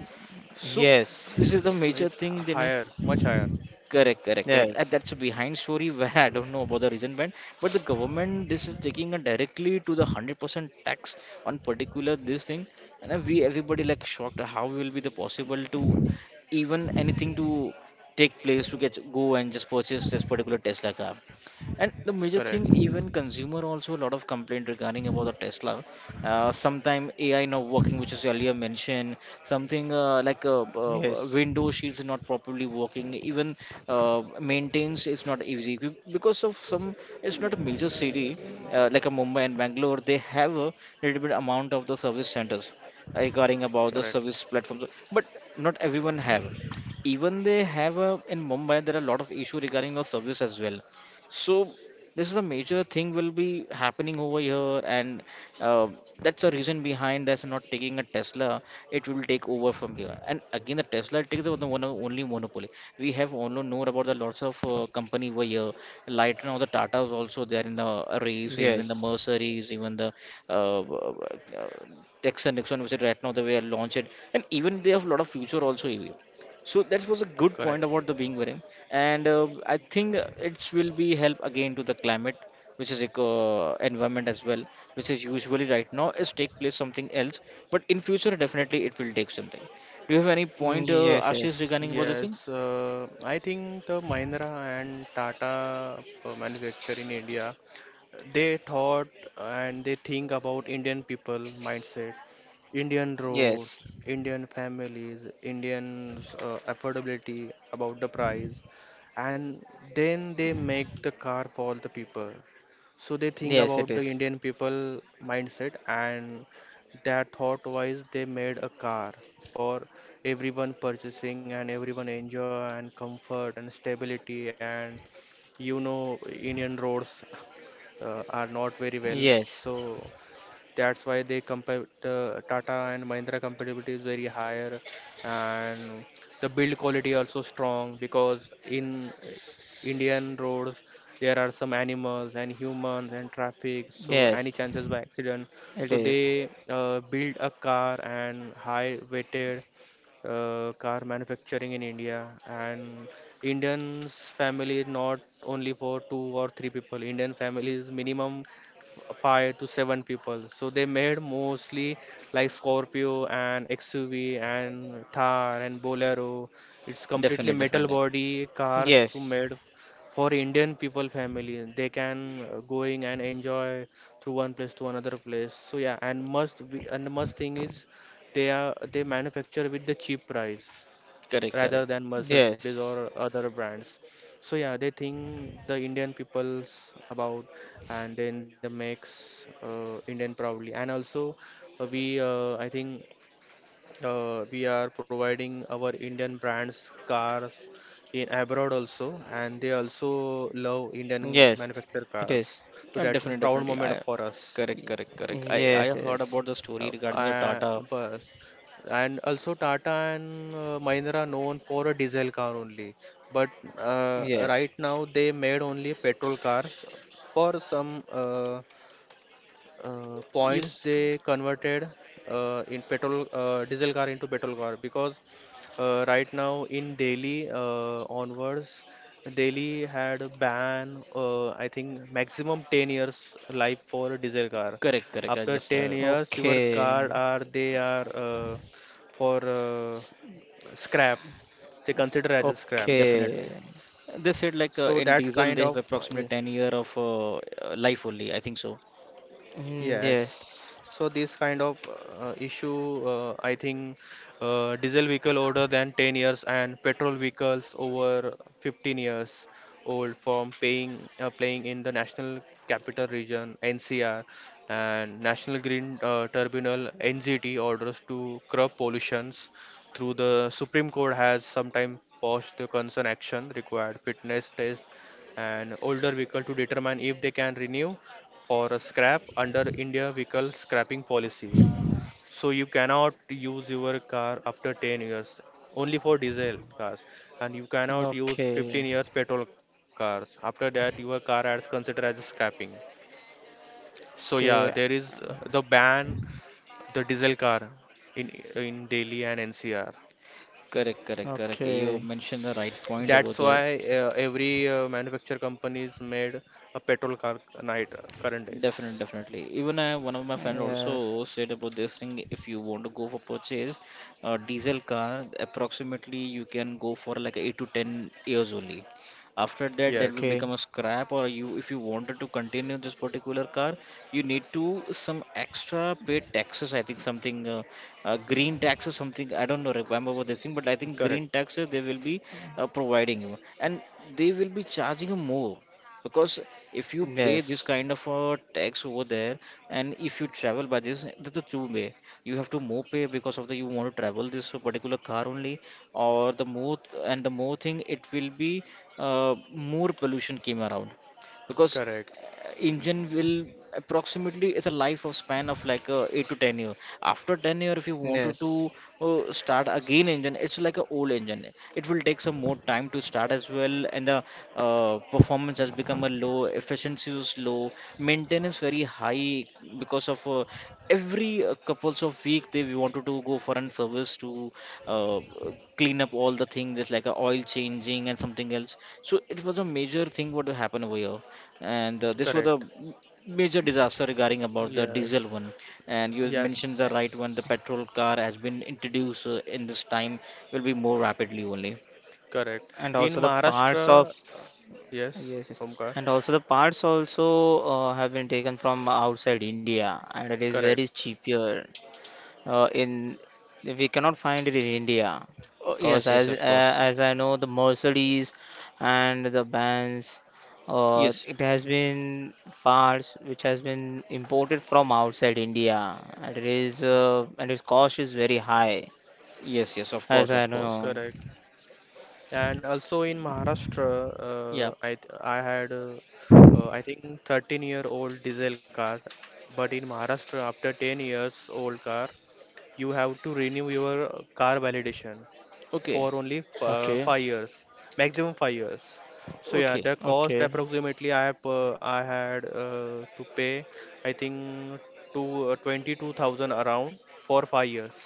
So yes, this is the It's, major it's thing then. higher, much higher. Correct, correct, correct. And yes, that's a behind story where I don't know about the reason when, but the government this is taking it directly to the 100% tax on particular this thing, and then we everybody like shocked how will be the possible to even anything to take place to get go and just purchase this particular Tesla car. And the major thing, Correct, even consumer also a lot of complaint regarding about the Tesla, sometime AI not working which is earlier mentioned, something like yes, window shields not properly working, even maintains is not easy. Because of some, it's not a major city, like a Mumbai and Bangalore, they have a little bit amount of the service centers regarding about the correct, service platforms. But not everyone have, even they have a, in Mumbai there are a lot of issue regarding the service as well. So this is a major thing will be happening over here, and uh, that's the reason behind that's not taking a Tesla. It will take over from here. And again, the Tesla takes the one only monopoly. We have only known about the lots of company over here. Like now, the Tatas also they are in the race, even the yes, Mercedes, even the uh, uh, Texan Nixon, which is right now they were launched, and even they have a lot of future also. EV. So that was a good correct. point about the being wearing, and I think it will be help again to the climate, which is eco environment as well, which is usually right now is take place something else, but in future definitely it will take something. Do you have any point, yes, Ashish, yes, regarding about this thing? Yes, I think the Mahindra and Tata manufacture in India, they thought and they think about Indian people mindset, Indian yes, roads, Indian families, Indians affordability about the price, and then they make the car for the people. So they think yes, it about the is. Indian people mindset, and that thought wise they made a car for everyone purchasing and everyone enjoy and comfort and stability. And you know Indian roads are not very Yes, well. So that's why they compare the Tata and Mahindra compatibility is very higher, and the build quality also strong, because in Indian roads there are some animals and humans and traffic, so any yes, chances by accident. it So is. they build a car and high weighted car manufacturing in India. And Indians family is not only for two or three people. Indian family is minimum five to seven people. So they made mostly like Scorpio and XUV and Thar and Bolero. It's completely Definitely, metal definitely. body cars to Yes, made for Indian people family. They can going and enjoy through one place to another place. So yeah, and must be and the must thing is they manufacture with the cheap price Correct, rather correct. than Mercedes or yes, other brands. So yeah, they think the Indian peoples about, and then they makes Indian proudly. And also we I think, we are providing our Indian brands cars in abroad also, and they also love Indian yes, manufactured it is. cars. So that is Definitely, proud definitely. moment I for us. Correct, Y- correct, correct. I Yes, heard yes, about the story Uh, regarding the uh, Tata. Bus. And also Tata and Mahindra known for a diesel car only. But yes. right now they made only petrol cars for some points Yes, they converted in petrol diesel car into petrol car, because right now in Delhi onwards Delhi had a ban, I think maximum 10 years life for diesel car. correct, correct. I After just 10 years your car Okay, are they are for s- scrap, they consider as a scrap. definitely. okay. They said like So in that's diesel kind they have of approximately 10 year of life only, I think so. Mm, yes. Yes, So this kind of issue, I think, diesel vehicle older than 10 years and petrol vehicles over 15 years old from paying playing in the National Capital Region (NCR) and National Green Tribunal (NGT) orders to curb pollutions through the Supreme Court has sometimes paused the concern action required fitness test and older vehicle to determine if they can renew for a scrap under India vehicle scrapping policy. So you cannot use your car after 10 years only for diesel cars, and you cannot use okay, 15 years petrol cars. After that your car is considered as scrapping. So yeah, there okay, is the ban the diesel car in in Delhi and NCR. Correct, correct, correct. You okay. mentioned the right point over That's there. why every manufacturer companies made a petrol car night current Definitely, days. definitely. Even I, one of my friend Yes. also said about this thing. If you want to go for purchase a diesel car, approximately you can go for like 8 to 10 years only. After that, that will Yes, Okay. become a scrap. Or you, if you wanted to continue this particular car, you need to some extra pay taxes. I think something green taxes, something I don't know. Remember about this thing, but I think green correct, taxes they will be providing you, and they will be charging you more because if you pay this Yes. kind of a tax over there and if you travel by this that's the two way, you have to more pay because of the you want to travel this particular car only or the more, and the more thing it will be more pollution came around because correct, engine will approximately it's a life of span of like 8 to 10 year. After 10-year if you wanted to Yes. Start again engine it's like a old engine, it will take some more time to start as well, and the performance has become a low, efficiency is low, maintenance very high because of every couples of week they wanted to go for an service to uh, clean up all the things just like a oil changing and something else. So it was a major thing what happened over here, and this was a correct. major disaster regarding about the diesel Yes, one. And you A- mentioned the right yes, one, the petrol car has been introduced in this time will be more rapidly only. correct. And In also the parts of. Maharashtra, yes, Yes, yes. Omkar, And also the parts also have been taken from outside India, and it is very correct, cheaper. In We cannot find it in India Oh because yes, yes, as of uh, course. as I know the Mercedes and the bands, Yes, it has been parts which has been imported from outside India, and it is and its cost is very high, yes, yes, of course, as I of course. know. correct. And also in Maharashtra, Yeah. I had I think 13-year-old diesel car, but in Maharashtra after 10 years old car, you have to renew your car validation. For Okay. only okay 5 years, maximum 5 years. So yeah, Okay. the cost okay approximately I had to pay, I think, to 22,000 around for 5 years.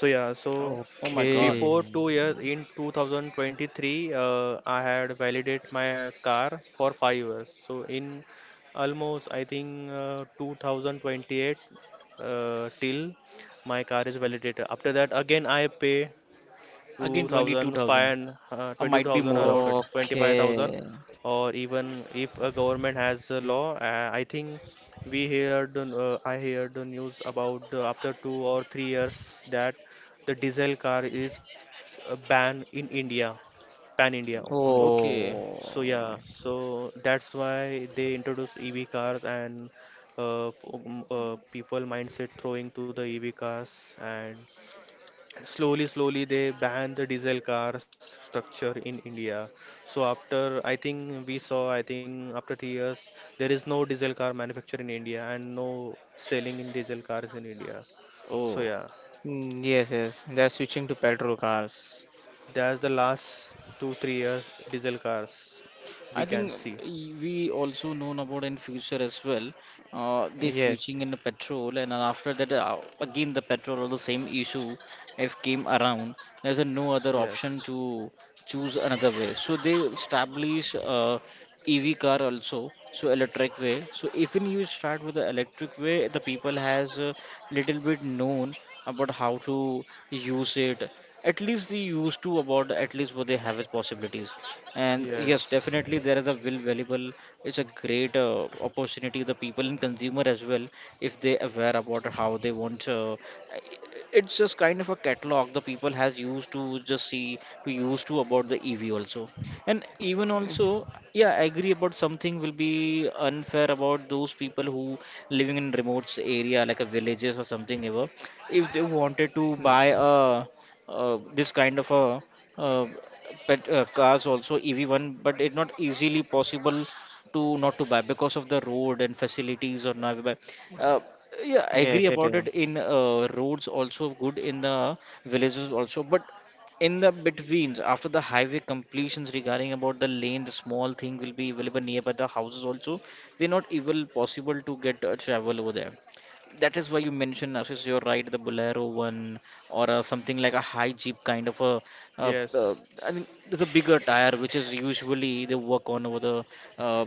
So yeah, so Oh my god. okay before 2 years in 2023, I had validate my car for 5 years. So in almost I think, 2028 till my car is validated. After that, again I pay Again 22,000 2,500, and or might be 22,000 more of around it. 25,000. okay Or even if a government has a law, I think I heard the news about, after 2 or 3 years, that the diesel car is banned in India, pan India only. Okay. So yeah, oh so that's why they introduce EV cars, and people mindset throwing to the EV cars, and slowly slowly they banned the diesel cars structure in India. So after, I think, we saw, I think, after 3 years there is no diesel car manufacture in India and no selling in diesel cars in India. Oh, So yeah. Yes, yes, they are switching to petrol cars. That's the last 2 3 years diesel cars I we can think see. We also known about in future as well, they yes switching in the petrol and then after that again the petrol or the same issue if came around, there's a no other option Yes, to choose another way. So they establish EV car also, so electric way. So even you start with the electric way, the people has a little bit known about how to use it. At least they used to about at least what they have as possibilities, and yes yes, definitely there is a will valuable, it's a great opportunity the people in consumer as well if they aware about how they want i- it's just kind of a catalog, the people has used to just see to use to about the ev also. And even also, yeah I agree about something will be unfair about those people who living in remote area like a villages or something ever, if they wanted to Y- buy a this kind of a uh, pet cars also EV1, but it's not easily possible to not to buy because of the road and facilities or not buy. Uh, yeah, I agree Yes, it about it. is. In roads also good in the villages also, but in the betweens after the highway completions regarding about the lane, the small thing will be available nearby the houses also. They're not even possible to get travel over there. That is why you mentioned Ashish, you're right, the Bolero one or something like a high jeep kind of a uh, uh, yes, I mean, the bigger tire, which is usually they work on over the uh,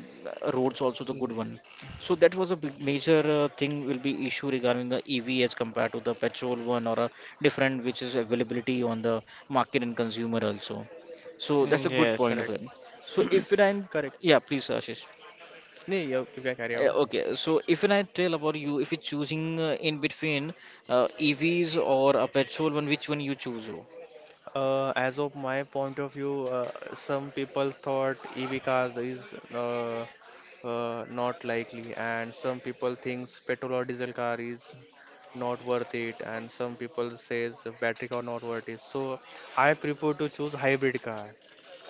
roads, also the good y- one. So that was a big major thing will be issue regarding the EV as compared to the petrol one or a different which is availability on the market and consumer also. So that's a good point correct. of Yes. it. So if it, and Correct. yeah, please, Ashish. Nee, you can carry on. Okay, so if when I tell about you, if you're choosing in between EVs or a petrol one, which one you choose? Oh? As of my point of view, some people thought EV cars is not likely, and some people thinks petrol or diesel car is not worth it, and some people says battery car not worth it. So I prefer to choose hybrid car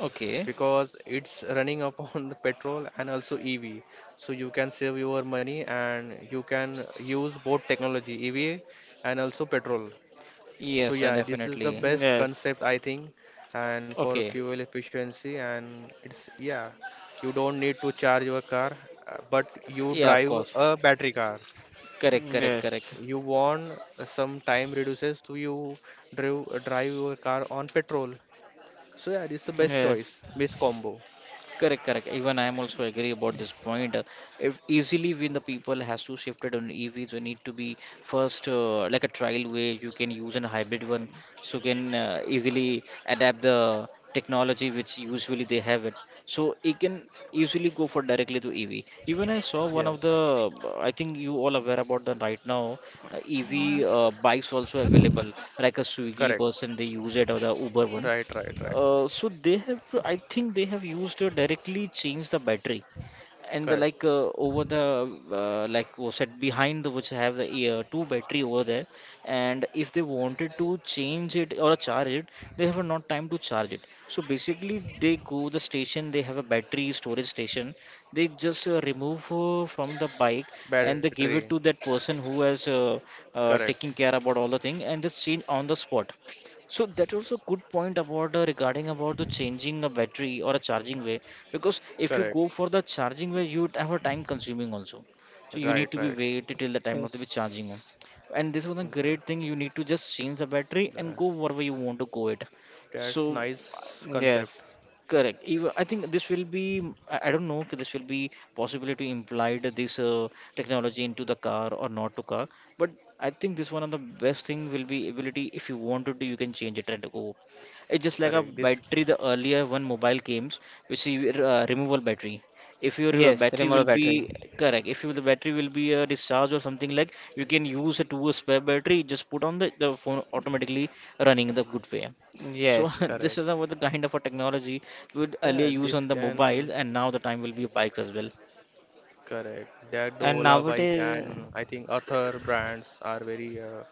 Okay. because it's running upon the petrol and also EV. So you can save your money and you can use both technology, EV and also petrol. So Yes, yeah, this is the definitely. best Yes. concept I think, and for Okay. fuel efficiency, and it's yeah, you don't need to charge your car, but you Yeah, of drive course. a battery car. Correct, correct, correct. Yes. You want some time reduces to you drive your car on petrol. So yeah, this is the best choice, Yes. best combo. Correct, correct. Even I am also agree about this point. If easily when the people has to shift it on EVs, we need to be first like a trial way you can use an hybrid one, so can easily adapt the technology which usually they have it. So it can easily go for directly to EV. Even I saw one of the, Yes, I think you all aware about the right now EV Uh, bikes also available, like a Swiggy correct. person they use it or the Uber one. Right, right, right. So they have, I think they have used directly changed the battery and the like Correct. Over the like was said behind the, which have the two battery over there, and if they wanted to change it or charge it, they have not time to charge it, so basically they go the station, they have a battery storage station, they just remove from the bike and they Battery. give it to that person who has Correct. taking care about all the thing and just change on the spot. So that also good point about regarding about the changing a battery or a charging way, because if you go Correct. for the charging way you would have a time consuming also. So you Right, need to be right. wait till the time of the be Yes. charging on. And this was a Th- great thing, you need to just change the battery and th- go wherever you want to go it. That's So nice Yes. concept. correct. Even I think this will be, I don't know, if this will be possibly to implied this technology into the car or not to car. But I think this one of the best thing will be ability. If you wanted to, do, you can change it and go. It's just like a Correct. This battery. The earlier one mobile games, which is removable battery. If your Yes. battery will Remote be battery. correct, if you, the battery will be discharged or something like, you can use it to spare battery. Just put on the phone automatically running the good way. So Yes. this is correct. about the kind of a technology we would Yeah, earlier this use on the can mobile, and now the time will be bikes as well. correct. That the And Ola bike nowadays, and I think other brands are very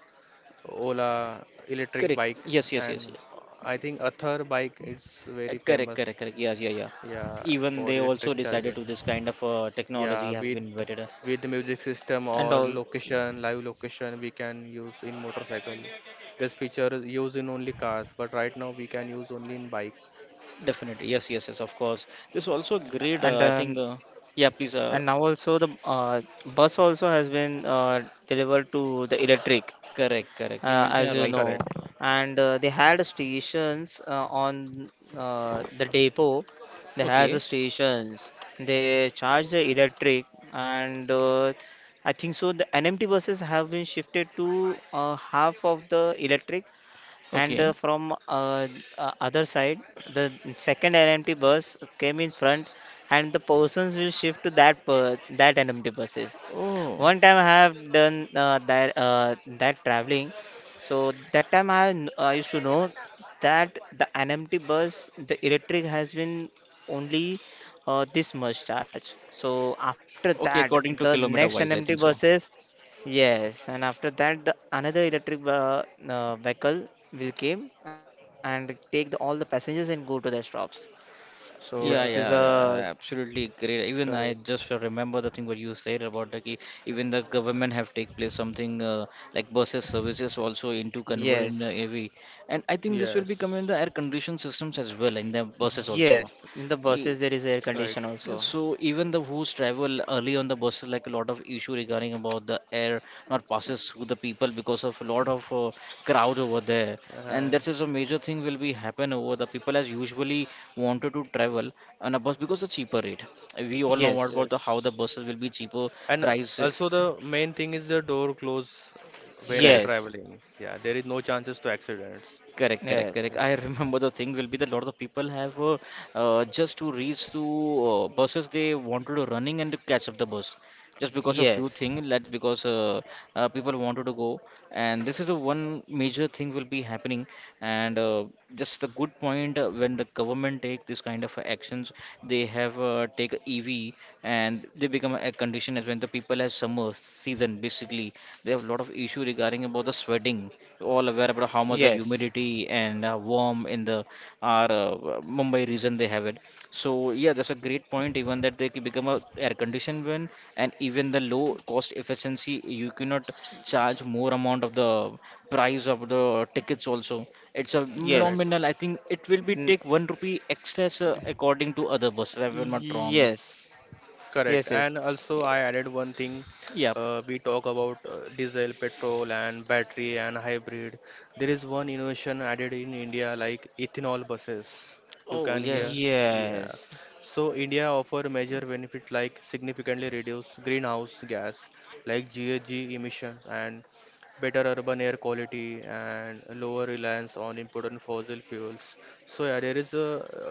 Ola electric Correct. bike Yes, yes, yes, and yes. I think other bike is very Correct, famous. correct, correct. Yes, yeah, yeah. Yeah, Even for they also electric decided charging. to this kind of technology Yeah, has with been invented. The music system and or all, location, live location we can use in motorcycle. This feature is used in only cars, but right now we can use only in bike. Definitely. Yes, yes, yes. Of course. This also and great. I um, think. Yeah, please. Now also the bus also has been delivered to the electric, Correct, correct. You as mentioned you a right know. Correct. way. And they had stations on the depot. They had the Okay, stations. They charge the electric, and I think so. The NMT buses have been shifted to half of the electric, and uh, okay. from uh, uh, other side, the second NMT bus came in front, and the persons will shift to that NMT buses. Oh, One time I have done that traveling. So that time I used to know that the NMT bus, the electric has been only this much charge. So after that, okay. the According to next kilometer NMT wise, I think so. buses, yes, and after that the another electric vehicle will came and take the all the passengers and go to their stops. So this is Yeah, Yeah, yeah, a. yeah, absolutely great. Even I correct. just remember the thing what you said about the key. Even the government have take place something like buses services also into convert in Yes, the AV, and I think this will be coming in the Yes, air condition systems as well in the buses also. yes. In the buses there is air right. condition Yeah, also. so even the who's travel early on the bus, like a lot of issue regarding about the air not passes through the people because of a lot of crowd over there, Uh, and that is a major thing will be happen over the people as usually wanted to travel on a bus because the cheaper rate. We all know what Yes, about the how the Yes. buses will be cheaper And price, also the main thing is the door close when they're correct? Yes, traveling. Yeah, there is no chances to accidents. Correct, correct, yes, correct. Yeah, I remember the thing will be that a lot of people have just to reach to buses they wanted to running and to catch up the bus just because of yes, few thing that because people wanted to go, and this is the one major thing will be happening, and just the good point when the government take this kind of actions they have take EV, and they become a condition as when the people has summer season basically, they have a lot of issue regarding about the sweating. You all aware about how much the yes, humidity and warm in the our Mumbai region they have it. So yeah, that's a great point. Even that they can become a air conditioned one, and even the low cost efficiency, you cannot charge more amount of the price of the tickets also. It's a correct. yes, nominal. I think it will be n- take one rupee extra according to other buses, if I'm not wrong. yes, yes, Correct. yes, And also, I added one thing. Yeah. We talk about diesel, petrol, and battery and hybrid. There is one innovation added in India, like ethanol buses. You Oh can hear. yes. Yeah. yes. So India offer major benefit like significantly reduce greenhouse gas, like GHG emissions, and better urban air quality and lower reliance on imported fossil fuels. So yeah, there is a,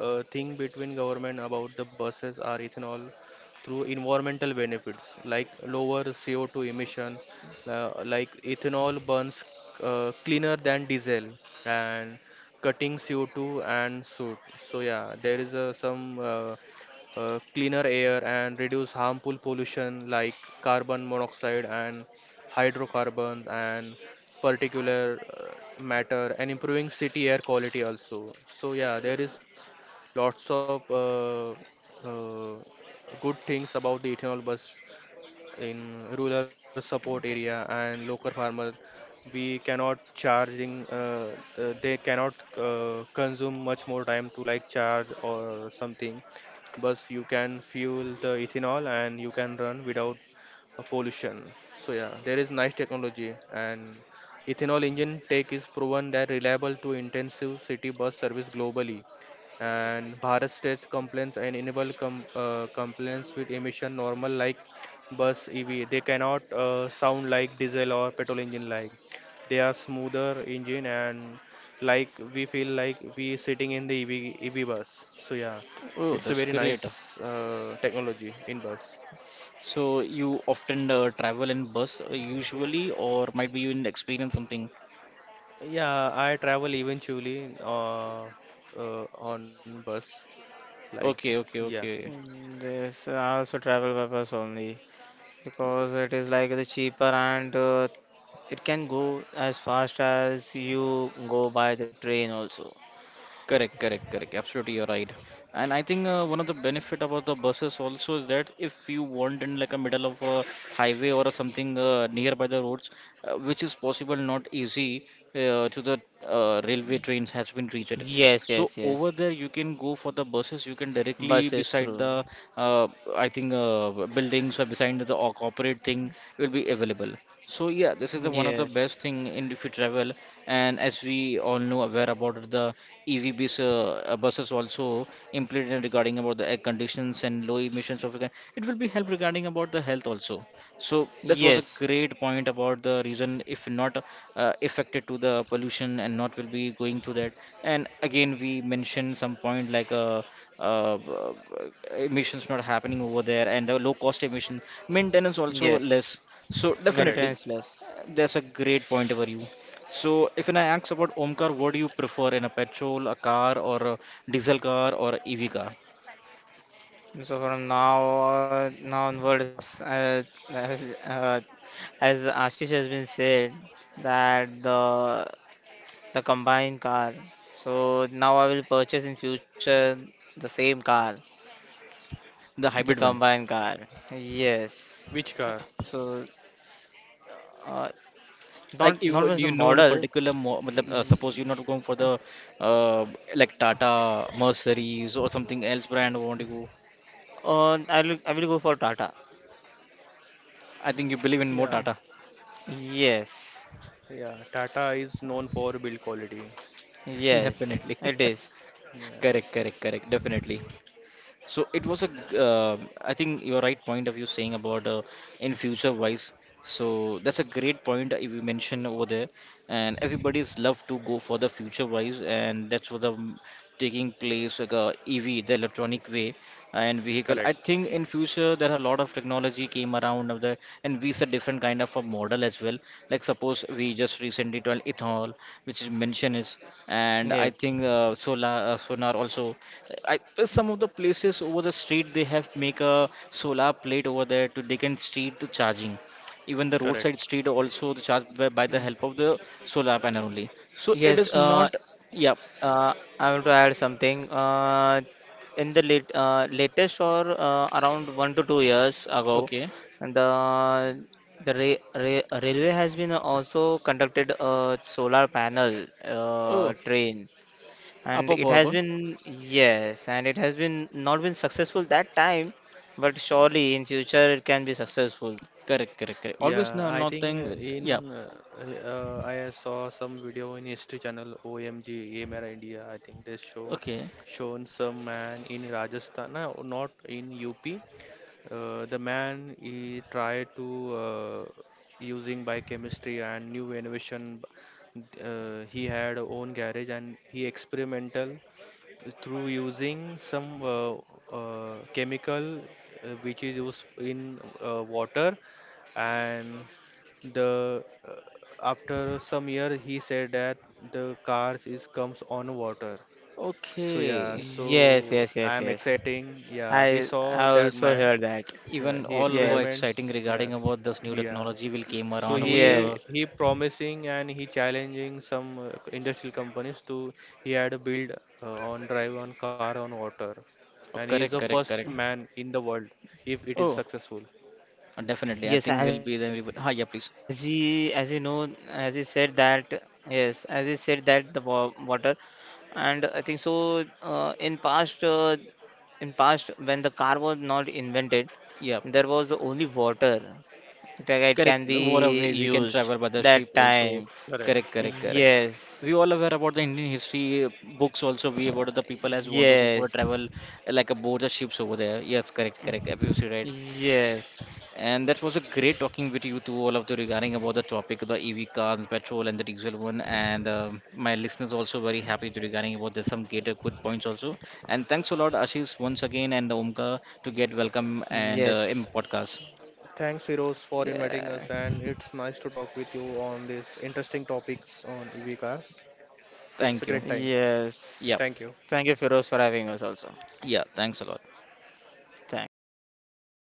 uh thing between government about the buses are ethanol through environmental benefits like lower CO2 emission, like ethanol burns cleaner than diesel and cutting CO2 and soot. So yeah, there is some cleaner air and reduce harmful pollution like carbon monoxide and hydrocarbons and particular matter and improving city air quality also. So yeah, there is lots of uh, good things about the ethanol bus in rural support area and local farmers. We cannot charging they cannot consume much more time to, like, charge or something, but you can fuel the ethanol and you can run without pollution. So yeah, there is nice technology, and ethanol engine tech is proven that reliable to intensive city bus service globally, and Bharat states complaints and enable complaints with emission normal like bus EV. They cannot sound like diesel or petrol engine, like. They are smoother engine, and like we feel like we sitting in the EV bus. So yeah, Oh, it's a that's very great. nice technology in bus. So you often travel in bus usually, or might be you in experience something. Yeah, I travel eventually on bus. Like, Okay, okay, yeah, okay. This I also travel by bus only because it is like the cheaper, and it can go as fast as you go by the train also. Correct, correct, correct. Absolutely, you're right. And I think one of the benefit about the buses also is that if you want in like a middle of a highway or something nearby the roads, which is possible not easy to the railway trains has been reached. So over Yes. there you can go for the buses. You can directly Bus is beside through. the uh, I think buildings or beside the corporate thing will be available. So yeah, this is the one of the Yes, best thing in if you travel, and as we all know aware about it, the EV bus, buses also implemented regarding about the air conditions and low emissions of the it will be help regarding about the health also. So that was a yes, great point about the reason if not affected to the pollution and not will be going through that. And again we mentioned some point like uh, uh, emissions not happening over there and the low cost emission maintenance also yes. less, so correct. definitely, Maintenance less. that's a great point over you. So if I ask about Omkar, what do you prefer in a petrol, a car, or a diesel car, or a EV car? So from now on, now onwards, as, uh, as Ashish has been said, that the combined car. So now I will purchase in future the same car, The the hybrid one. combined car. Which Yes. car? So uh, Like not you, just the you know in a model. particular, mo- matlab, suppose y- you're not going for the uh, like Tata Mercedes or something else brand. Want to go? I will go for Tata. I think you believe in more Yeah, Mm. Tata. Yes. yeah. Tata is known for build quality. Yes. Definitely. It is. Correct, Yes, correct, correct. Definitely. So it was a, I think you're right point of you saying about in future wise. So that's a great point if you mention over there, and everybody's love to go for the future wise, and that's what the taking place like EV, the electronic way, and vehicle. I correct, think in future there are a lot of technology came around of the, and we see different kind of a model as well. Like suppose we just recently told ethanol, which is mentioned is, and I Yes. think solar, sonar also. I some of the places over the street they have make a solar plate over there to they can street the charging. Even the roadside correct. street also the charge by the Mm. help of the solar panel only. So it Yes, is uh, not, yeah, Uh, I want to add something. In the late, latest or Around 1 to 2 years ago, okay, the the re re railway has been also conducted a solar panel oh, train, up and up it up has up. been. Yes, and it has been not been successful that time, but surely in future it can be successful. Correct, correct, correct, always, no, Yeah, I nothing, think yeah, in I saw some video in History Channel OMG Mera India. I think they okay, shown some man in Rajasthan, no, not in UP. The man he tried to using by chemistry and new innovation. He had own garage and he experimental through using some chemical, which is used in water, and the after some year he said that the cars is comes on water. So yeah, okay, Yes, so yes, I yes, am yes. exciting. Yeah, we saw I that also man. heard that. Yeah, even he all were Yes, exciting experiments. regarding Yes. about this new Yeah. technology will came So around over there. he Oh, he yes. promising and he challenging some industrial companies to he had a build on drive on car on water, and he is the correct, first correct, man correct, in the world if it is oh, successful. definitely I Yes, think will be the ah as you yeah know, please as you said that yes, as you said that the water, and I think so. In past when the car was not invented, there yeah. was only water. It can Correct. be What a way we used can travel by that the ship time. also. Correct. Correct, correct, correct. Yes, We all aware about the Indian history books also. We about the people as want to go yes, for a travel like aboard the ships over there. Yes, correct, correct. Absolutely right. yes, And that was a great talking with you to all of the regarding about the topic of the EV cars, petrol and the diesel one. And my listeners also very happy to regarding about the some greater good points also. And thanks a lot, Ashish, once again and Omka to get welcome and yes, in podcast. Thanks, Firoz, for inviting yeah, us, and it's nice to talk with you on these interesting topics on EV cars. It's a Thank you. great time. Yeah, yes. Thank you. Thank you, Firoz, for having us also. yeah. Thanks a lot. Thank you.